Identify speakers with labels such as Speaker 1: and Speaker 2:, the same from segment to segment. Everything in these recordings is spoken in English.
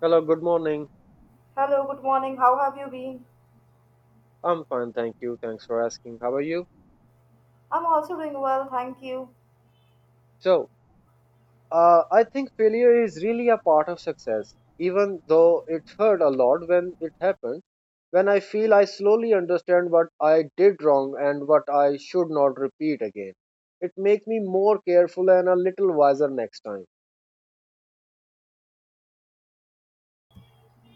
Speaker 1: Hello, good morning.
Speaker 2: Hello, good morning. How have you been?
Speaker 1: I'm fine, thank you. Thanks for asking. How are you?
Speaker 2: I'm also doing well, thank you.
Speaker 1: So, I think failure is really a part of success, even though it hurt a lot when it happened. When I feel I slowly understand what I did wrong and what I should not repeat again, it makes me more careful and a little wiser next time.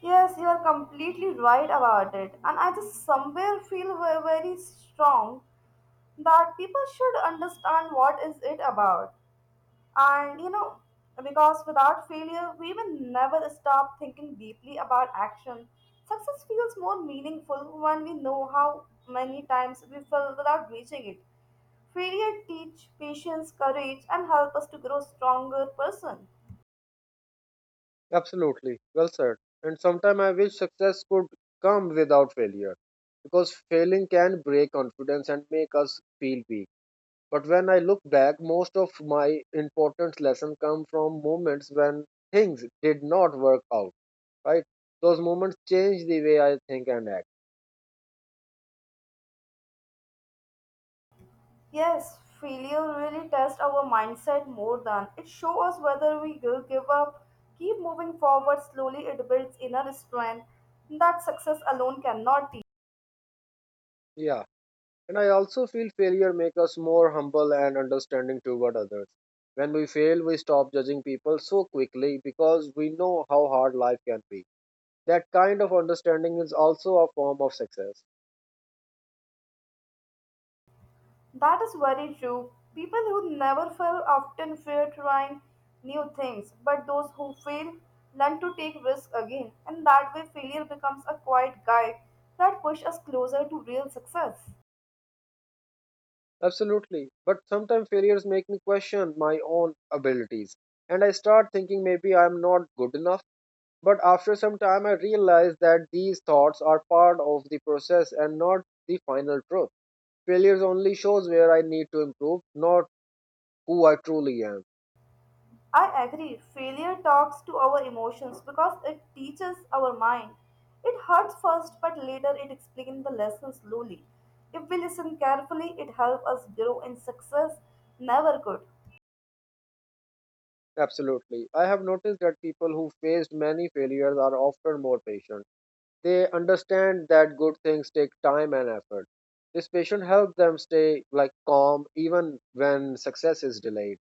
Speaker 2: Yes, you are completely right about it. And I just somewhere feel very strong that people should understand what is it about. And you know, because without failure, we will never stop thinking deeply about action. Success feels more meaningful when we know how many times we fell without reaching it. Failure teach patience, courage, and help us to grow stronger person.
Speaker 1: Absolutely, well said. And sometimes I wish success could come without failure because failing can break confidence and make us feel weak. But when I look back, most of my important lessons come from moments when things did not work out, right? Those moments change the way I think and act.
Speaker 2: Yes, failure really tests our mindset more than it shows us whether we will give up, keep moving forward slowly. It builds inner strength that success alone cannot teach.
Speaker 1: Yeah. And I also feel failure makes us more humble and understanding toward others. When we fail, we stop judging people so quickly because we know how hard life can be. That kind of understanding is also a form of success.
Speaker 2: That is very true. People who never fail often fear trying new things, but those who fail learn to take risks again, and that way failure becomes a quiet guide that pushes us closer to real success.
Speaker 1: Absolutely. But sometimes failures make me question my own abilities. And I start thinking maybe I'm not good enough. But after some time, I realize that these thoughts are part of the process and not the final truth. Failures only shows where I need to improve, not who I truly am.
Speaker 2: I agree. Failure talks to our emotions because it teaches our mind. It hurts first, but later it explains the lesson slowly. If we listen carefully, it helps us grow in success never could.
Speaker 1: Absolutely. I have noticed that people who faced many failures are often more patient. They understand that good things take time and effort. This patient helps them stay like calm even when success is delayed.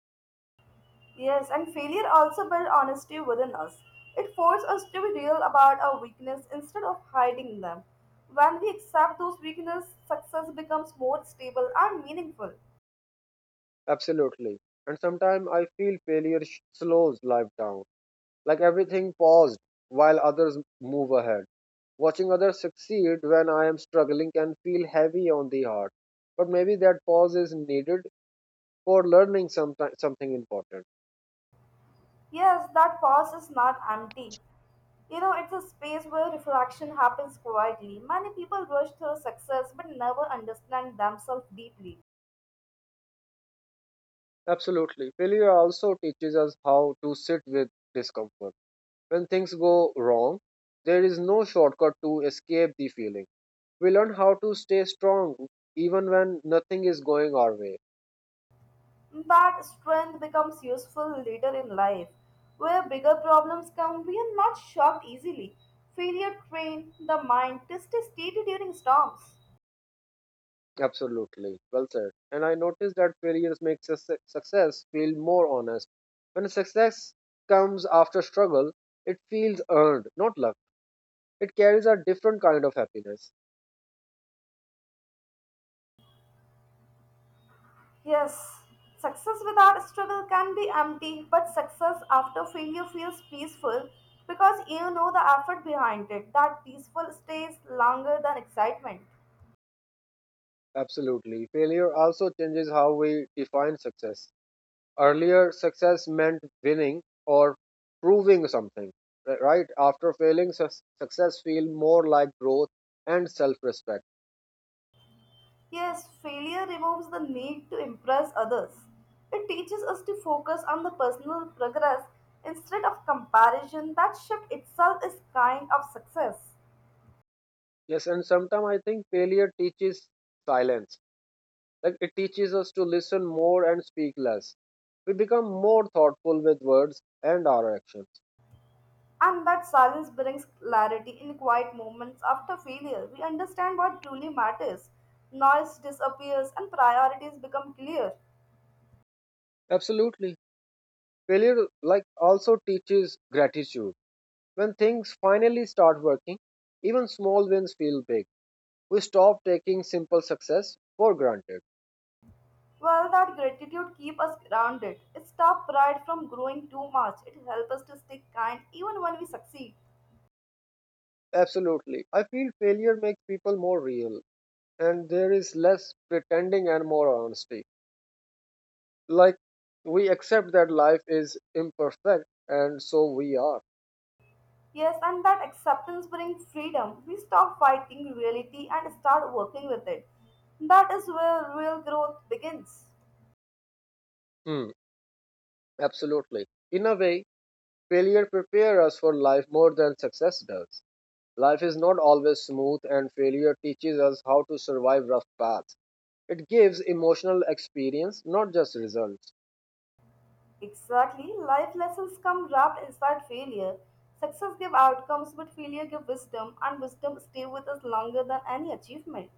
Speaker 2: Yes, and failure also builds honesty within us. It forces us to be real about our weakness instead of hiding them. When we accept those weaknesses, success becomes more stable and meaningful.
Speaker 1: Absolutely. And sometimes I feel slows life down. Like everything paused while others move ahead. Watching others succeed when I am struggling can feel heavy on the heart. But maybe that pause is needed for learning something important.
Speaker 2: Yes, that pause is not empty. You know, it's a space where reflection happens quietly. Many people rush through success but never understand themselves deeply.
Speaker 1: Absolutely. Failure also teaches us how to sit with discomfort. When things go wrong, there is no shortcut to escape the feeling. We learn how to stay strong even when nothing is going our way.
Speaker 2: That strength becomes useful later in life, where bigger problems come. We are not shocked easily. Failure trains the mind to stay steady during storms.
Speaker 1: Absolutely. Well said. And I noticed that failures make success feel more honest. When success comes after struggle, it feels earned, not luck. It carries a different kind of happiness.
Speaker 2: Yes, success without struggle can be empty, but success after failure feels peaceful because you know the effort behind it. That peaceful stays longer than excitement.
Speaker 1: Absolutely. Failure also changes how we define success. Earlier, success meant winning or proving something, right? After failing, success feels more like growth and self respect.
Speaker 2: Yes, failure removes the need to impress others. It teaches us to focus on the personal progress instead of comparison. That shift itself is kind of success.
Speaker 1: Yes, and sometimes I think failure teaches silence. Like it teaches us to listen more and speak less. We become more thoughtful with words and our actions.
Speaker 2: And that silence brings clarity in quiet moments after failure. We understand what truly matters. Noise disappears and priorities become clear.
Speaker 1: Absolutely. Failure, like, also teaches gratitude. When things finally start working, even small wins feel big. We stop taking simple success for granted.
Speaker 2: Well, that gratitude keeps us grounded. It stops pride from growing too much. It helps us to stay kind even when we succeed.
Speaker 1: Absolutely. I feel failure makes people more real, and there is less pretending and more honesty. Like we accept that life is imperfect and so we are.
Speaker 2: Yes, and that acceptance brings freedom. We stop fighting reality and start working with it. That is where real growth begins.
Speaker 1: Hmm. Absolutely. In a way, failure prepares us for life more than success does. Life is not always smooth and failure teaches us how to survive rough paths. It gives emotional experience, not just results.
Speaker 2: Exactly. Life lessons come wrapped inside failure. Success gives outcomes, but failure gives wisdom, and wisdom stays with us longer than any achievement.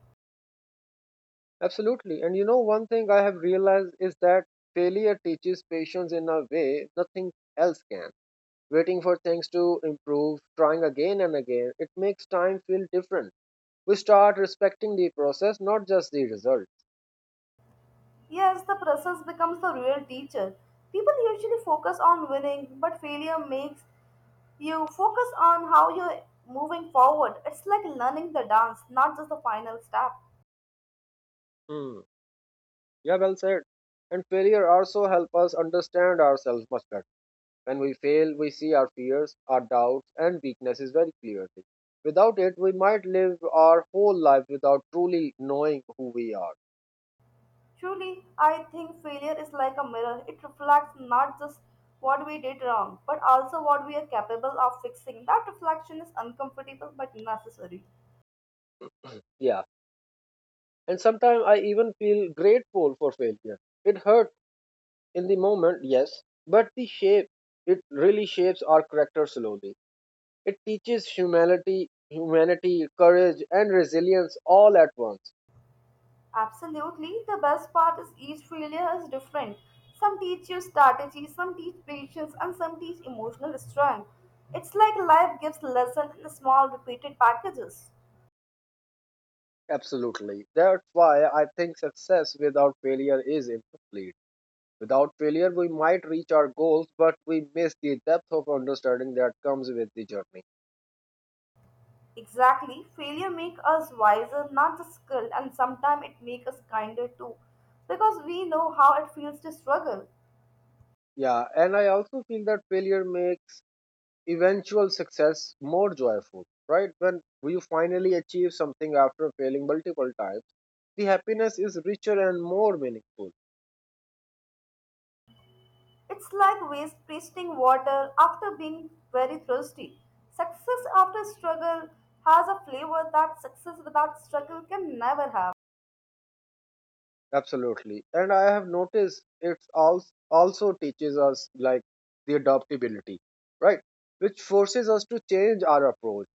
Speaker 1: Absolutely. And you know, one thing I have realized is that failure teaches patience in a way nothing else can. Waiting for things to improve, trying again and again, it makes time feel different. We start respecting the process, not just the result.
Speaker 2: Yes, the process becomes the real teacher. People usually focus on winning, but failure makes you focus on how you're moving forward. It's like learning the dance, not just the final step.
Speaker 1: Hmm. Yeah, well said. And failure also helps us understand ourselves much better. When we fail, we see our fears, our doubts, and weaknesses very clearly. Without it, we might live our whole life without truly knowing who we are.
Speaker 2: Truly, I think failure is like a mirror. It reflects not just what we did wrong, but also what we are capable of fixing. That reflection is uncomfortable but necessary.
Speaker 1: Yeah. And sometimes I even feel grateful for failure. It hurt in the moment, yes, but the shape it really shapes our character slowly. It teaches humanity, courage, and resilience all at once.
Speaker 2: Absolutely, the best part is each failure is different. Some teach you strategy, some teach patience, and some teach emotional strength. It's like life gives lessons in small, repeated packages.
Speaker 1: Absolutely. That's why I think success without failure is incomplete. Without failure, we might reach our goals, but we miss the depth of understanding that comes with the journey.
Speaker 2: Exactly. Failure make us wiser, not just skilled, and sometimes it make us kinder too, because we know how it feels to struggle.
Speaker 1: Yeah, and I also feel that failure makes eventual success more joyful, right? When you finally achieve something after failing multiple times, the happiness is richer and more meaningful.
Speaker 2: It's like waste tasting water after being very thirsty. Success after struggle has a flavor that success without struggle can never have.
Speaker 1: Absolutely. And I have noticed it also teaches us like the adaptability, right? Which forces us to change our approach,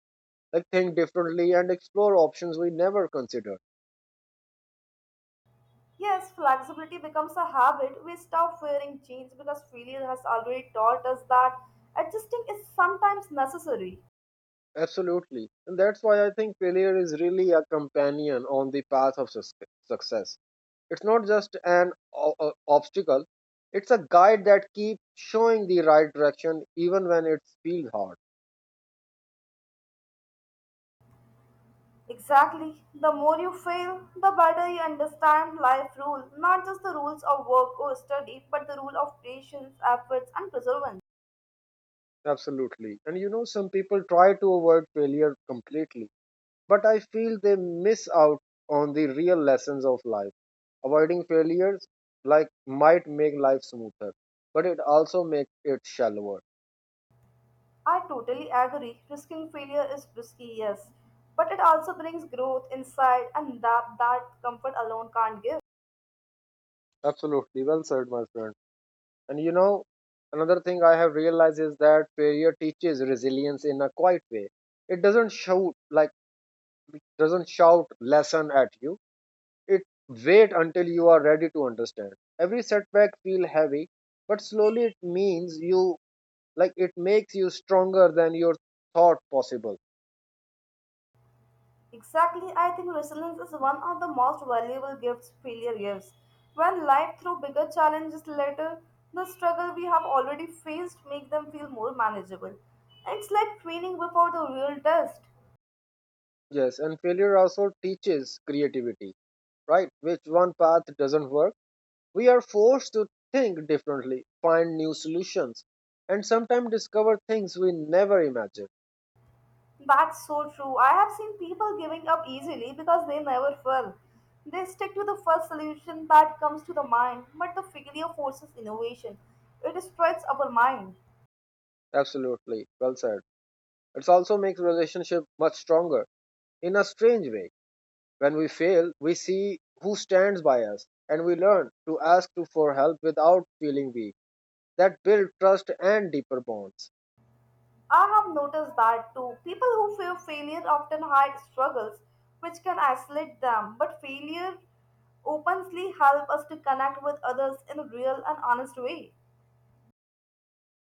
Speaker 1: like think differently and explore options we never considered.
Speaker 2: Yes, flexibility becomes a habit. We stop fearing change because failure has already taught us that adjusting is sometimes necessary.
Speaker 1: Absolutely. And that's why I think failure is really a companion on the path of success. It's not just an obstacle, it's a guide that keeps showing the right direction even when it feels hard.
Speaker 2: Exactly. The more you fail, the better you understand life rule, not just the rules of work or study, but the rule of patience, efforts, and perseverance.
Speaker 1: Absolutely. And you know, some people try to avoid failure completely, but I feel they miss out on the real lessons of life. Avoiding failures like might make life smoother, but it also makes it shallower.
Speaker 2: I totally agree. Risking failure is risky, yes, but it also brings growth, insight, and that comfort alone can't give.
Speaker 1: Absolutely. Well said, my friend. And you know, another thing I have realized is that failure teaches resilience in a quiet way. It doesn't shout like doesn't shout lesson at you. It wait until you are ready to understand. Every setback feel heavy, but slowly it makes you stronger than your thought possible.
Speaker 2: Exactly, I think resilience is one of the most valuable gifts failure gives. When life throws bigger challenges later, the struggle we have already faced make them feel more manageable. It's like training before the real test.
Speaker 1: Yes, and failure also teaches creativity, right? Which one path doesn't work, we are forced to think differently, find new solutions, and sometimes discover things we never imagined.
Speaker 2: That's so true. I have seen people giving up easily because they never fell. They stick to the first solution that comes to the mind, but the failure forces innovation. It stretches our mind.
Speaker 1: Absolutely, well said. It also makes relationship much stronger in a strange way. When we fail, we see who stands by us and we learn to ask for help without feeling weak. That builds trust and deeper bonds.
Speaker 2: I have noticed that too. People who fear failure often hide struggles which can isolate them, but failure openly helps us to connect with others in a real and honest way.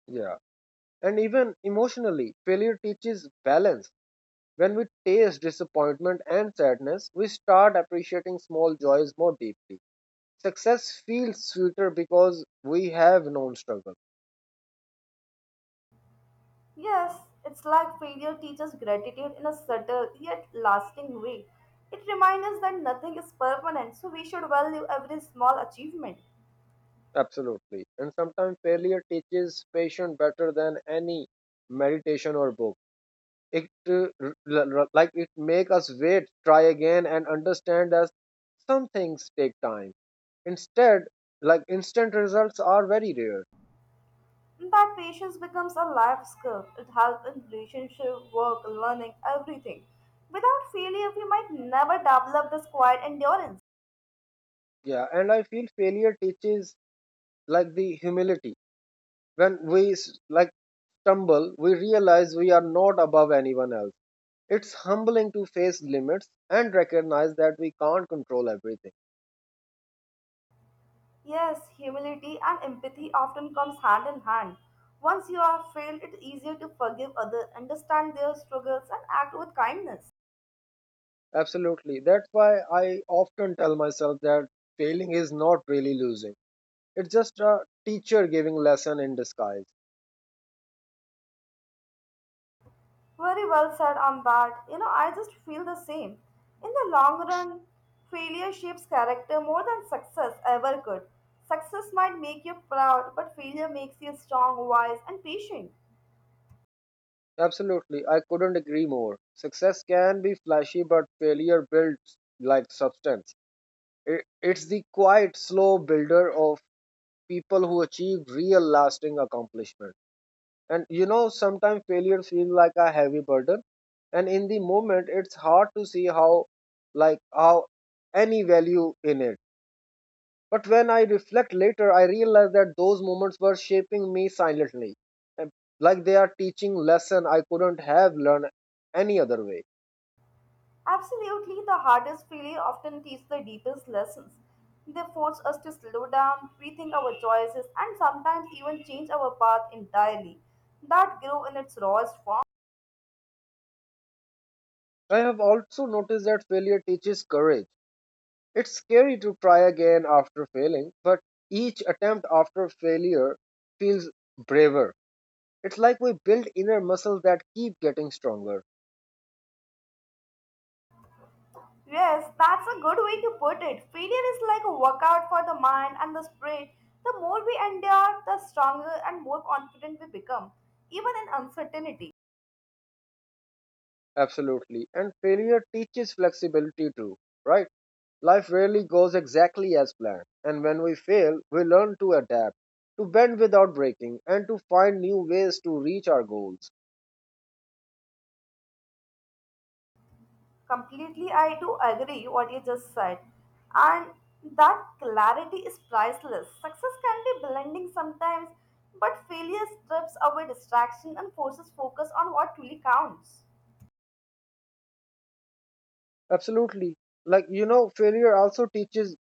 Speaker 1: Yeah. And even emotionally, failure teaches balance. When we taste disappointment and sadness, we start appreciating small joys more deeply. Success feels sweeter because we have known struggle.
Speaker 2: Yes, it's like failure teaches gratitude in a subtle yet lasting way. It reminds us that nothing is permanent, so we should value every small achievement.
Speaker 1: Absolutely. And sometimes failure teaches patience better than any meditation or book. It it make us wait, try again, and understand that some things take time. Instead, like Instant results are very rare.
Speaker 2: That patience becomes a life skill. It helps in relationship, work, learning, everything. Without failure, we might never develop this quiet endurance.
Speaker 1: Yeah, and I feel failure teaches like the humility. When we stumble, we realize we are not above anyone else. It's humbling to face limits and recognize that we can't control everything.
Speaker 2: Yes, humility and empathy often comes hand in hand. Once you have failed, it's easier to forgive others, understand their struggles, and act with kindness.
Speaker 1: Absolutely. That's why I often tell myself that failing is not really losing. It's just a teacher giving lesson in disguise.
Speaker 2: Very well said on that. You know, I just feel the same. In the long run, failure shapes character more than success ever could. Success might make you proud, but failure makes you strong, wise, and patient.
Speaker 1: Absolutely, I couldn't agree more. Success can be flashy, but failure builds like substance. It's the quiet, slow builder of people who achieve real, lasting accomplishment. And you know, sometimes failure feels like a heavy burden, and in the moment, it's hard to see how any value in it. But when I reflect later, I realize that those moments were shaping me silently, and like they are teaching lesson I couldn't have learned any other way.
Speaker 2: Absolutely, the hardest failure often teaches the deepest lessons. They force us to slow down, rethink our choices, and sometimes even change our path entirely. That grew in its rawest form.
Speaker 1: I have also noticed that failure teaches courage. It's scary to try again after failing, but each attempt after failure feels braver. It's like we build inner muscles that keep getting stronger.
Speaker 2: Yes, that's a good way to put it. Failure is like a workout for the mind and the spirit. The more we endure, the stronger and more confident we become, even in uncertainty.
Speaker 1: Absolutely. And failure teaches flexibility too, right? Life rarely goes exactly as planned, and when we fail, we learn to adapt, to bend without breaking, and to find new ways to reach our goals.
Speaker 2: Completely, I do agree what you just said. And that clarity is priceless. Success can be blinding sometimes, but failure strips away distraction and forces focus on what truly counts.
Speaker 1: Absolutely. Like, you know, failure also teaches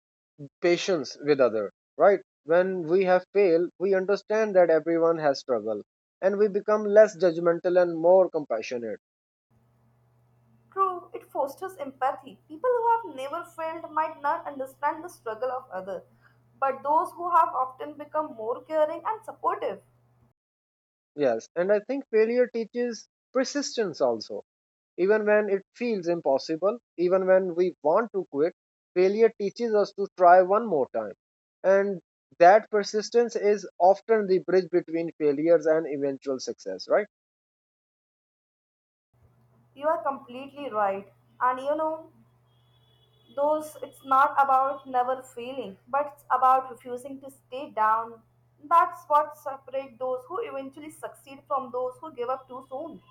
Speaker 1: patience with other, right? When we have failed, we understand that everyone has struggle, and we become less judgmental and more compassionate.
Speaker 2: True, it fosters empathy. People who have never felt might not understand the struggle of others, but those who have often become more caring and supportive.
Speaker 1: Yes, and I think failure teaches persistence also. Even when it feels impossible, even when we want to quit, failure teaches us to try one more time. And that persistence is often the bridge between failures and eventual success, right?
Speaker 2: You are completely right. And you know, those it's not about never failing, but it's about refusing to stay down. That's what separates those who eventually succeed from those who give up too soon.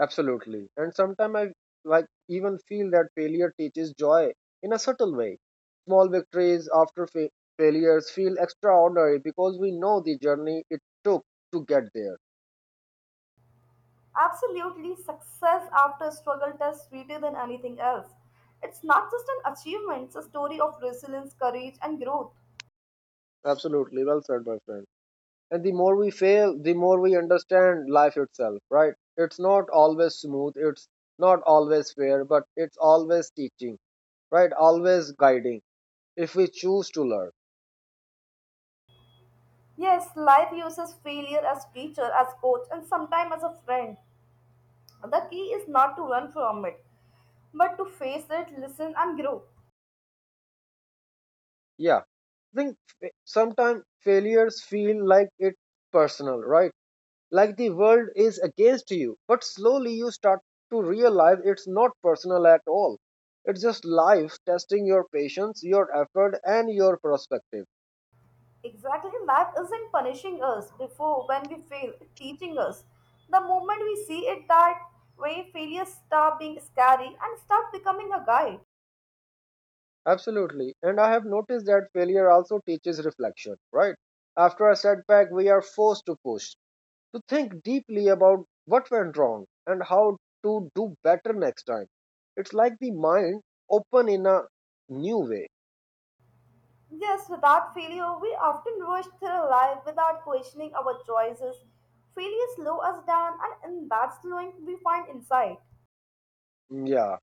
Speaker 1: Absolutely. And sometimes I like even feel that failure teaches joy in a subtle way. Small victories after failures feel extraordinary because we know the journey it took to get there.
Speaker 2: Absolutely, success after struggle tastes sweeter than anything else. It's not just an achievement, it's a story of resilience, courage, and growth.
Speaker 1: Absolutely. Well said, my friend. And the more we fail, the more we understand life itself, right? It's not always smooth, it's not always fair, but it's always teaching, right, always guiding, if we choose to learn.
Speaker 2: Yes, life uses failure as teacher, as coach, and sometimes as a friend. The key is not to run from it, but to face it, listen, and grow.
Speaker 1: Yeah, I think sometimes failures feel like it's personal, right? Like the world is against you, but slowly you start to realize it's not personal at all. It's just life testing your patience, your effort, and your perspective.
Speaker 2: Exactly, life isn't punishing us before when we fail, it's teaching us. The moment we see it that way, failures stop being scary and start becoming a guide.
Speaker 1: Absolutely. And I have noticed that failure also teaches reflection, right? After a setback, we are forced to push, to think deeply about what went wrong and how to do better next time. It's like the mind open in a new way.
Speaker 2: Yes, without failure, we often rush through life without questioning our choices. Failure slows us down, and in that slowing, we find insight.
Speaker 1: Yeah.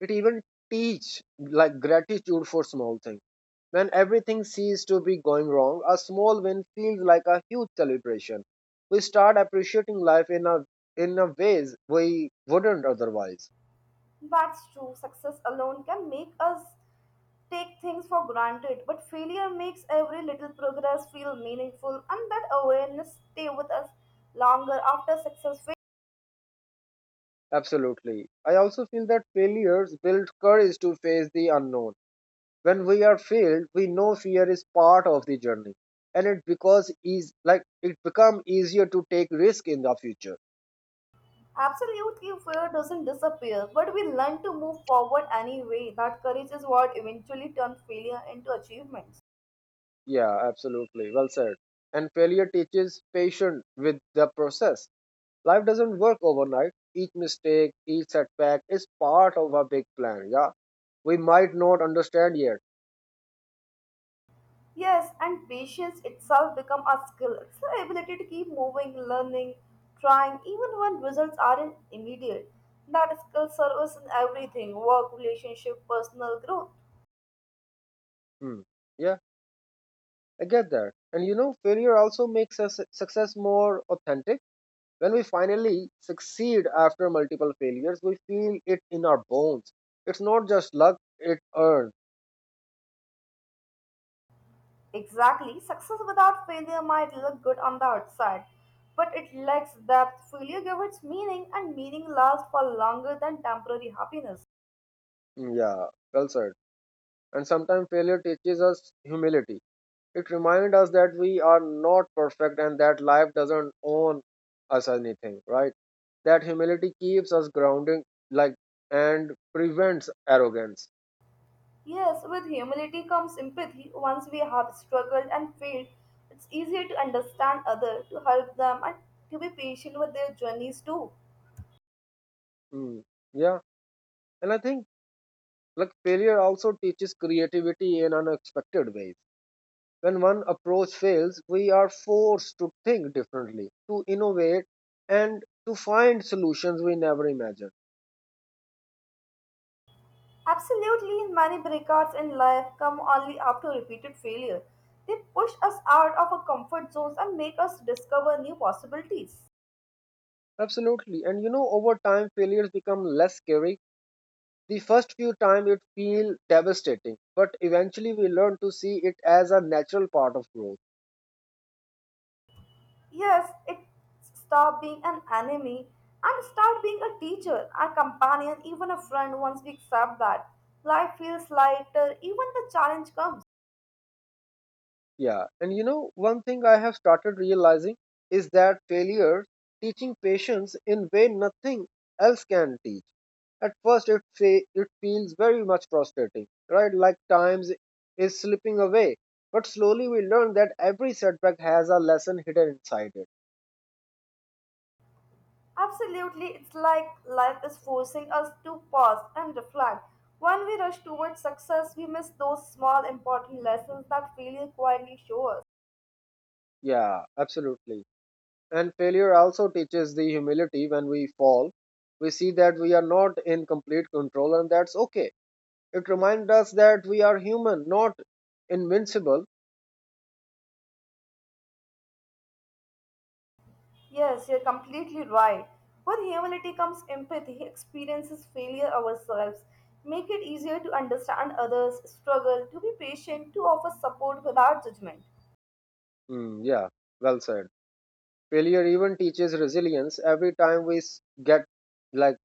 Speaker 1: It even teach like gratitude for small things. When everything seems to be going wrong, a small win feels like a huge celebration. We start appreciating life in a ways we wouldn't otherwise.
Speaker 2: That's true. Success alone can make us take things for granted, but failure makes every little progress feel meaningful, and that awareness stay with us longer after success fades.
Speaker 1: Absolutely. I also feel that failures build courage to face the unknown. When we are failed, we know fear is part of the journey, and it because is like it become easier to take risk in the future.
Speaker 2: Absolutely, fear doesn't disappear, but we learn to move forward anyway. That courage is what eventually turns failure into achievements.
Speaker 1: Yeah, absolutely. Well said. And failure teaches patience with the process. Life doesn't work overnight. Each mistake, each setback is part of a big plan. Yeah, we might not understand yet.
Speaker 2: Yes, and patience itself become a skill. It's the ability to keep moving, learning, trying, even when results aren't immediate. That skill serves in everything work, relationship, personal growth.
Speaker 1: Hmm. Yeah. I get that. And you know, failure also makes us success more authentic. When we finally succeed after multiple failures, we feel it in our bones. It's not just luck, it earned.
Speaker 2: Exactly. Success without failure might look good on the outside, but it lacks depth. Failure gives its meaning, and meaning lasts for longer than temporary happiness.
Speaker 1: Mm, yeah, well said. And sometimes failure teaches us humility. It reminds us that we are not perfect and that life doesn't own us anything, right? That humility keeps us grounding, like, and prevents arrogance.
Speaker 2: Yes, with humility comes sympathy. Once we have struggled and failed, it's easier to understand others, to help them, and to be patient with their journeys too.
Speaker 1: Mm, yeah. And I think like failure also teaches creativity in unexpected ways. When one approach fails, we are forced to think differently, to innovate, and to find solutions we never imagined.
Speaker 2: Absolutely, many breakouts in life come only after repeated failure. They push us out of our comfort zones and make us discover new possibilities.
Speaker 1: Absolutely. And you know, over time, failures become less scary. The first few times it feels devastating, but eventually we learn to see it as a natural part of growth.
Speaker 2: Yes, it stop being an enemy and start being a teacher, a companion, even a friend once we accept that. Life feels lighter, even the challenge comes.
Speaker 1: Yeah, and you know, one thing I have started realizing is that failure teaching patience in way nothing else can teach. At first, it feels very much frustrating, right? Like times is slipping away. But slowly we learn that every setback has a lesson hidden inside it.
Speaker 2: Absolutely, it's like life is forcing us to pause and reflect. When we rush towards success, we miss those small important lessons that failure quietly shows us.
Speaker 1: Yeah, absolutely. And failure also teaches the humility when we fall. We see that we are not in complete control, and that's okay. It reminds us that we are human, not invincible.
Speaker 2: Yes, you're completely right. With humility comes empathy, experiences failure ourselves, make it easier to understand others, struggle, to be patient, to offer support without judgment.
Speaker 1: Hmm, yeah, well said. Failure even teaches resilience. Every time get, like,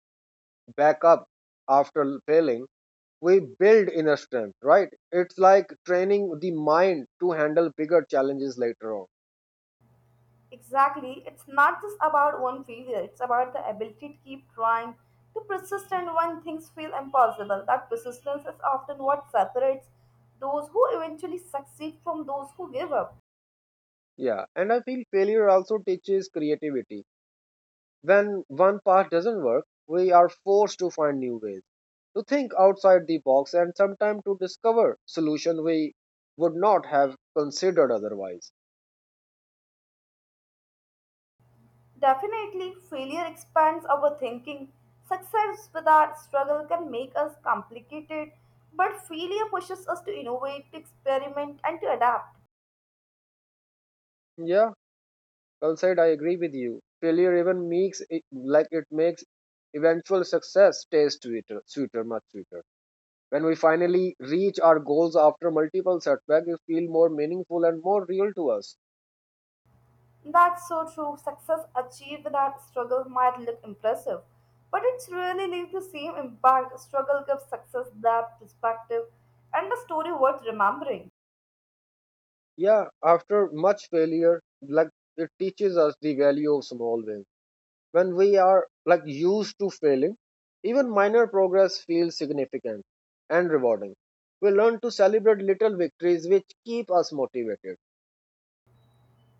Speaker 1: back up after failing, we build inner strength, right? It's like training the mind to handle bigger challenges later on.
Speaker 2: Exactly. It's not just about one failure, it's about the ability to keep trying, to persist, and when things feel impossible. That persistence is often what separates those who eventually succeed from those who give up.
Speaker 1: Yeah, and I feel failure also teaches creativity. When one path doesn't work, we are forced to find new ways, to think outside the box and sometimes to discover solutions we would not have considered otherwise.
Speaker 2: Definitely, failure expands our thinking. Success without struggle can make us complicated, but failure pushes us to innovate, to experiment, and to adapt.
Speaker 1: Yeah, well said. I agree with you. Failure even makes it, like, it makes eventual success taste sweeter, sweeter, much sweeter. When we finally reach our goals after multiple setbacks, we feel more meaningful and more real to us.
Speaker 2: That's so true. Success achieved without struggle might look impressive, but it's really leaves the same impact. Struggle gives success that perspective and a story worth remembering.
Speaker 1: Yeah, after much failure, like, it teaches us the value of small wins. When we are, like, used to failing, even minor progress feels significant and rewarding. We learn to celebrate little victories, which keep us motivated.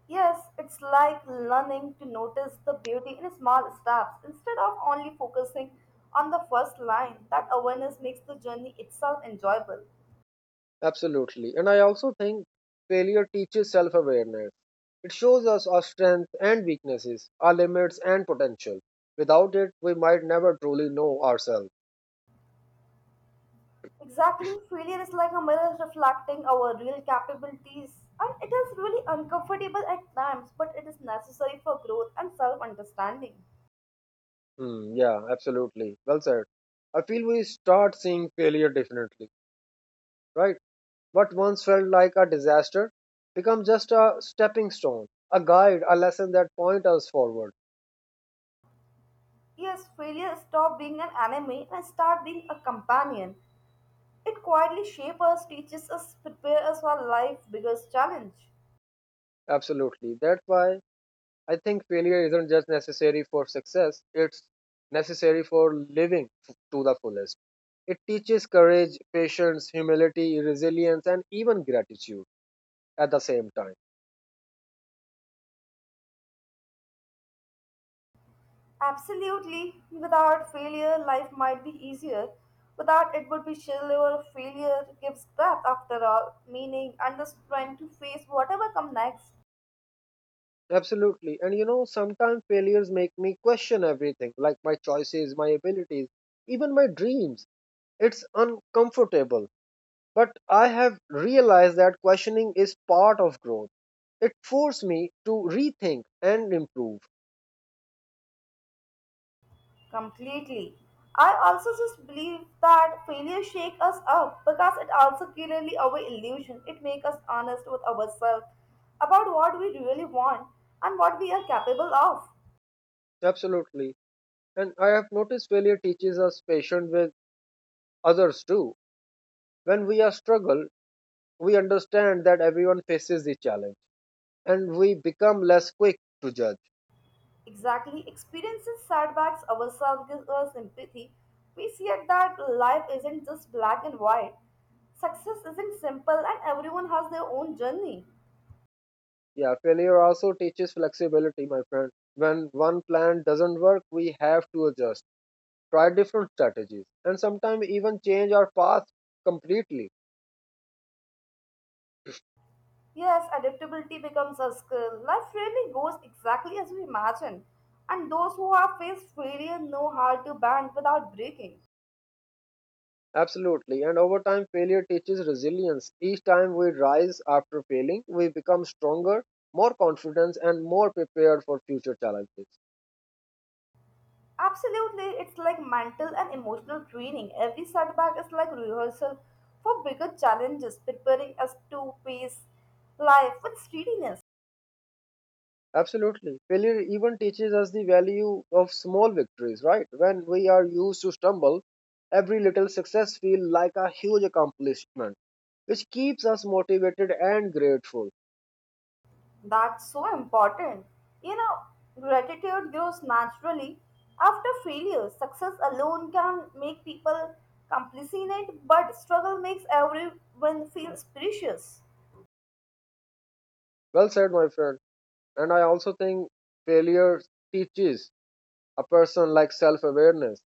Speaker 2: Yes, it's like learning to notice the beauty in small steps instead of only focusing on the first line. That awareness makes the journey itself enjoyable.
Speaker 1: Absolutely. And I also think failure teaches self awareness. It shows us our strengths and weaknesses, our limits and potential. Without it, we might never truly know ourselves.
Speaker 2: Exactly, failure is like a mirror reflecting our real capabilities, and it is really uncomfortable at times, but it is necessary for growth and self understanding.
Speaker 1: Hmm, yeah, absolutely, well said. I feel we start seeing failure differently, right? What once felt like a disaster become just a stepping stone, a guide, a lesson that point us forward.
Speaker 2: Yes, failure stop being an enemy and start being a companion. It quietly shapes us, teaches us, prepares us for life's biggest challenge.
Speaker 1: Absolutely. That's why I think failure isn't just necessary for success, it's necessary for living to the fullest. It teaches courage, patience, humility, resilience, and even gratitude at the same time.
Speaker 2: Absolutely, without failure, life might be easier. Without it would be shallower. Failure gives breath, after all, meaning and the strength to face whatever comes next.
Speaker 1: Absolutely. And you know, sometimes failures make me question everything, like my choices, my abilities, even my dreams. It's uncomfortable. But I have realized that questioning is part of growth. It forced me to rethink and improve.
Speaker 2: Completely. I also just believe that failure shake us up because it also clearly our illusion. It makes us honest with ourselves about what we really want and what we are capable of.
Speaker 1: Absolutely. And I have noticed failure teaches us patience with others too. When we are struggle, we understand that everyone faces the challenge and we become less quick to judge.
Speaker 2: Exactly. Experiencing setbacks ourselves gives us empathy. We see it that life isn't just black and white. Success isn't simple and everyone has their own journey.
Speaker 1: Yeah, failure also teaches flexibility, my friend. When one plan doesn't work, we have to adjust, try different strategies, and sometimes even change our path completely.
Speaker 2: Yes, adaptability becomes a skill. Life really goes exactly as we imagine, and those who have faced failure know how to bend without breaking.
Speaker 1: Absolutely. And over time, failure teaches resilience. Each time we rise after failing, we become stronger, more confident, and more prepared for future challenges.
Speaker 2: Absolutely, it's like mental and emotional training. Every setback is like rehearsal for bigger challenges, preparing us to face life with steadiness.
Speaker 1: Absolutely. Failure even teaches us the value of small victories, right? When we are used to stumble, every little success feels like a huge accomplishment, which keeps us motivated and grateful.
Speaker 2: That's so important. You know, gratitude grows naturally after failure. Success alone can make people compassionate, but struggle makes everyone feel precious.
Speaker 1: Well said, my friend. And I also think failure teaches a person like self awareness.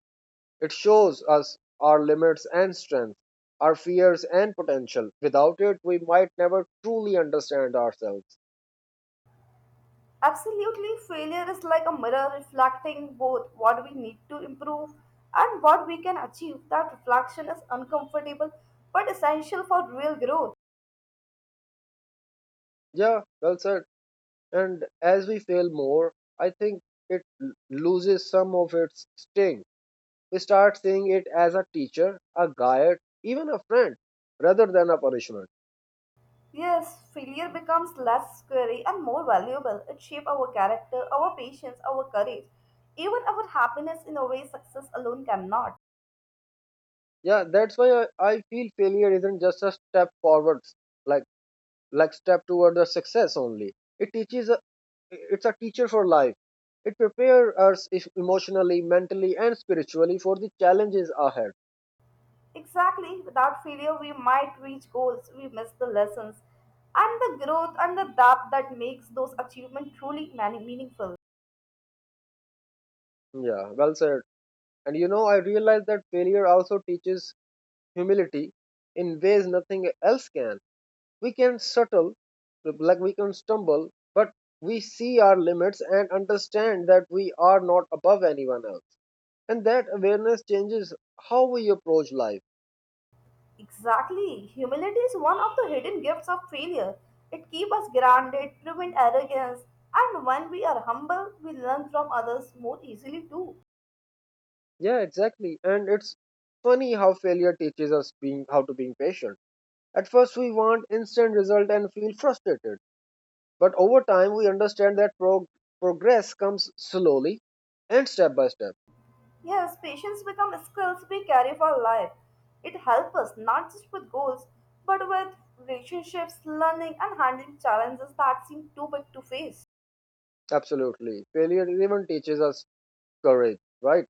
Speaker 1: It shows us our limits and strengths, our fears and potential. Without it, we might never truly understand ourselves.
Speaker 2: Absolutely, failure is like a mirror reflecting both what we need to improve and what we can achieve. That reflection is uncomfortable but essential for real growth.
Speaker 1: Yeah, well said. And as we fail more, I think loses some of its sting. We start seeing it as a teacher, a guide, even a friend, rather than a punishment.
Speaker 2: Yes, failure becomes less scary and more valuable. It shapes our character, our patience, our courage, even our happiness in a way success alone cannot.
Speaker 1: Yeah, that's why I feel failure isn't just a step forward, like like step toward the success only. It teaches, it's a teacher for life. It prepares us emotionally, mentally, and spiritually for the challenges ahead.
Speaker 2: Exactly, without failure, we might reach goals, we miss the lessons, and the growth and the depth that makes those achievements truly meaningful.
Speaker 1: Yeah, well said. And you know, I realize that failure also teaches humility in ways nothing else can. We can settle, like, we can stumble, but we see our limits and understand that we are not above anyone else. And that awareness changes how we approach life.
Speaker 2: Exactly, humility is one of the hidden gifts of failure. It keeps us grounded, prevents arrogance, and when we are humble, we learn from others more easily too.
Speaker 1: Yeah, exactly. And it's funny how failure teaches us being how to being patient. At first, we want instant result and feel frustrated. But over time, we understand that progress comes slowly and step by step.
Speaker 2: Yes, patience become skills we carry for life. It helps us not just with goals, but with relationships, learning, and handling challenges that seem too big to face.
Speaker 1: Absolutely. Failure even teaches us courage, right?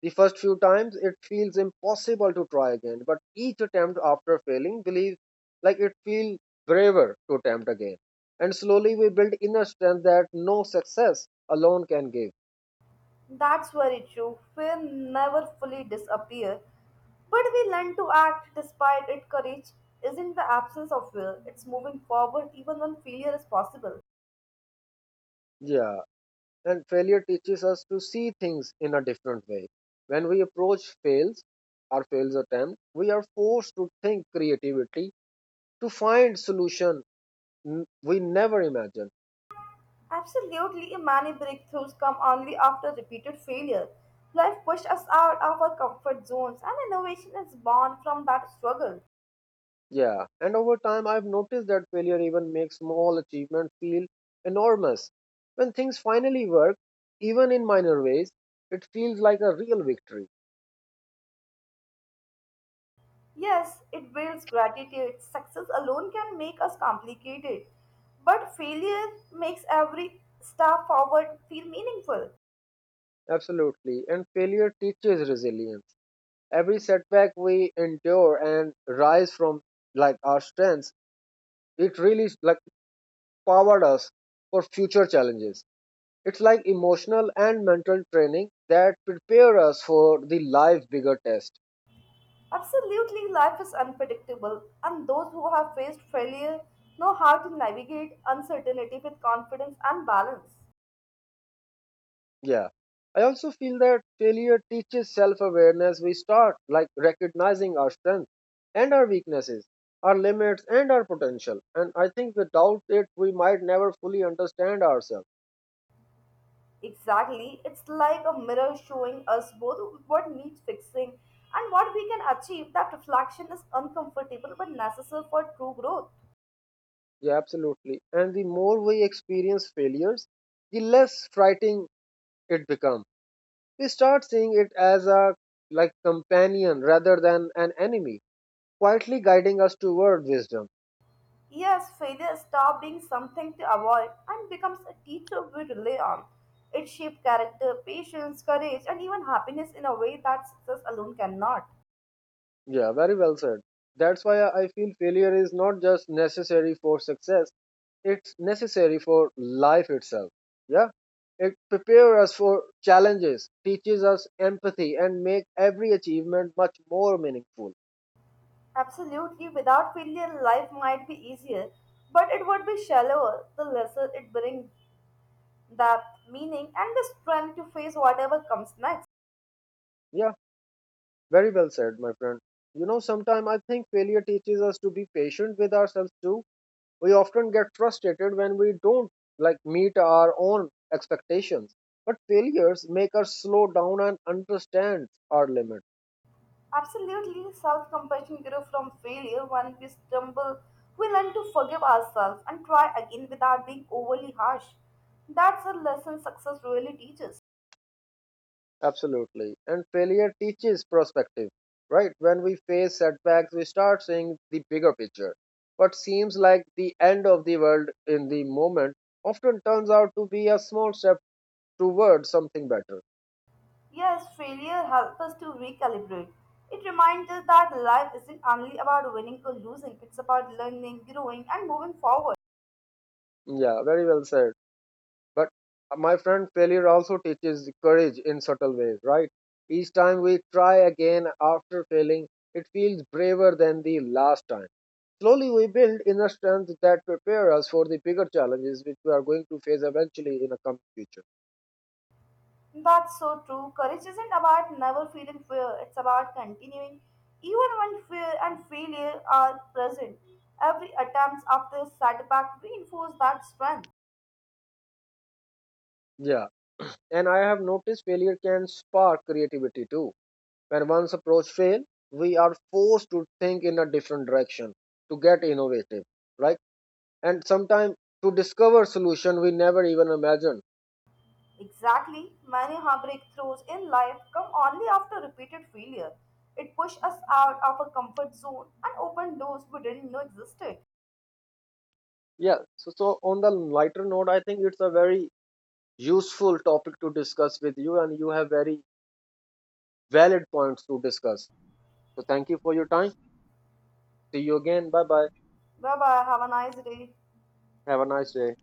Speaker 1: The first few times, it feels impossible to try again. But each attempt after failing, believe, like, it feels braver to attempt again. And slowly, we build inner strength that no success alone can give.
Speaker 2: That's very true. Fear never fully disappear, but we learn to act despite it. Courage isn't the absence of fear; it's moving forward even when failure is possible.
Speaker 1: Yeah. And failure teaches us to see things in a different way. When our fails attempt, we are forced to think creativity to find solution we never imagined.
Speaker 2: Absolutely, many breakthroughs come only after repeated failure. Life pushed us out of our comfort zones, and innovation is born from that struggle.
Speaker 1: Yeah, and over time I've noticed that failure even makes small achievement feel enormous. When things finally work, even in minor ways, it feels like a real victory.
Speaker 2: Yes, it builds gratitude. Success alone can make us complicated, but failure makes every step forward feel meaningful.
Speaker 1: Absolutely, and failure teaches resilience. Every setback we endure and rise from, like, our strengths, it really, like, powered us for future challenges. It's like emotional and mental training that prepare us for the life bigger test.
Speaker 2: Absolutely, life is unpredictable, and those who have faced failure know how to navigate uncertainty with confidence and balance.
Speaker 1: Yeah. I also feel that failure teaches self awareness. We start, like, recognizing our strengths and our weaknesses, our limits and our potential. And I think without it, we might never fully understand ourselves.
Speaker 2: Exactly. It's like a mirror showing us both what needs fixing and what we can achieve. That reflection is uncomfortable but necessary for true growth.
Speaker 1: Yeah, absolutely. And the more we experience failures, the less frightening it becomes. We start seeing it as a, like, companion rather than an enemy, quietly guiding us toward wisdom.
Speaker 2: Yes, failure stops being something to avoid and becomes a teacher we rely on. It shapes character, patience, courage, and even happiness in a way that success alone cannot.
Speaker 1: Yeah, very well said. That's why I feel failure is not just necessary for success, it's necessary for life itself. Yeah. It prepares us for challenges, teaches us empathy, and make every achievement much more meaningful.
Speaker 2: Absolutely, without failure, life might be easier, but it would be shallower the lesser it brings depth, meaning, and the strength to face whatever comes next.
Speaker 1: Yeah, very well said, my friend. You know, sometimes I think failure teaches us to be patient with ourselves too. We often get frustrated when we don't, like, meet our own expectations, but failures make us slow down and understand our limits.
Speaker 2: Absolutely, self compassion grew from failure. When we stumble, we learn to forgive ourselves and try again without being overly harsh. That's a lesson success really teaches.
Speaker 1: Absolutely. And failure teaches perspective, right? When we face setbacks we start seeing the bigger picture. What seems like the end of the world in the moment often turns out to be a small step towards something better.
Speaker 2: Yes, failure helps us to recalibrate. It reminds us that life isn't only about winning or losing, it's about learning, growing, and moving forward.
Speaker 1: Yeah, very well said. But my friend, failure also teaches courage in subtle ways, right? Each time we try again after failing, it feels braver than the last time. Slowly, we build inner strength that prepare us for the bigger challenges which we are going to face eventually in a coming future.
Speaker 2: That's so true. Courage isn't about never feeling fear, it's about continuing. Even when fear and failure are present, every attempt after setback reinforces that strength.
Speaker 1: Yeah, and I have noticed failure can spark creativity too. When one's approach fails, we are forced to think in a different direction, to get innovative, right? And sometimes to discover solution we never even imagined.
Speaker 2: Exactly, many hard breakthroughs in life come only after repeated failure. It pushed us out of our comfort zone and opened doors we didn't know existed.
Speaker 1: Yeah. So on the lighter note, I think it's a very useful topic to discuss with you, and you have very valid points to discuss. So, thank you for your time. See you again. Bye bye.
Speaker 2: Bye bye, have a nice day.
Speaker 1: Have a nice day.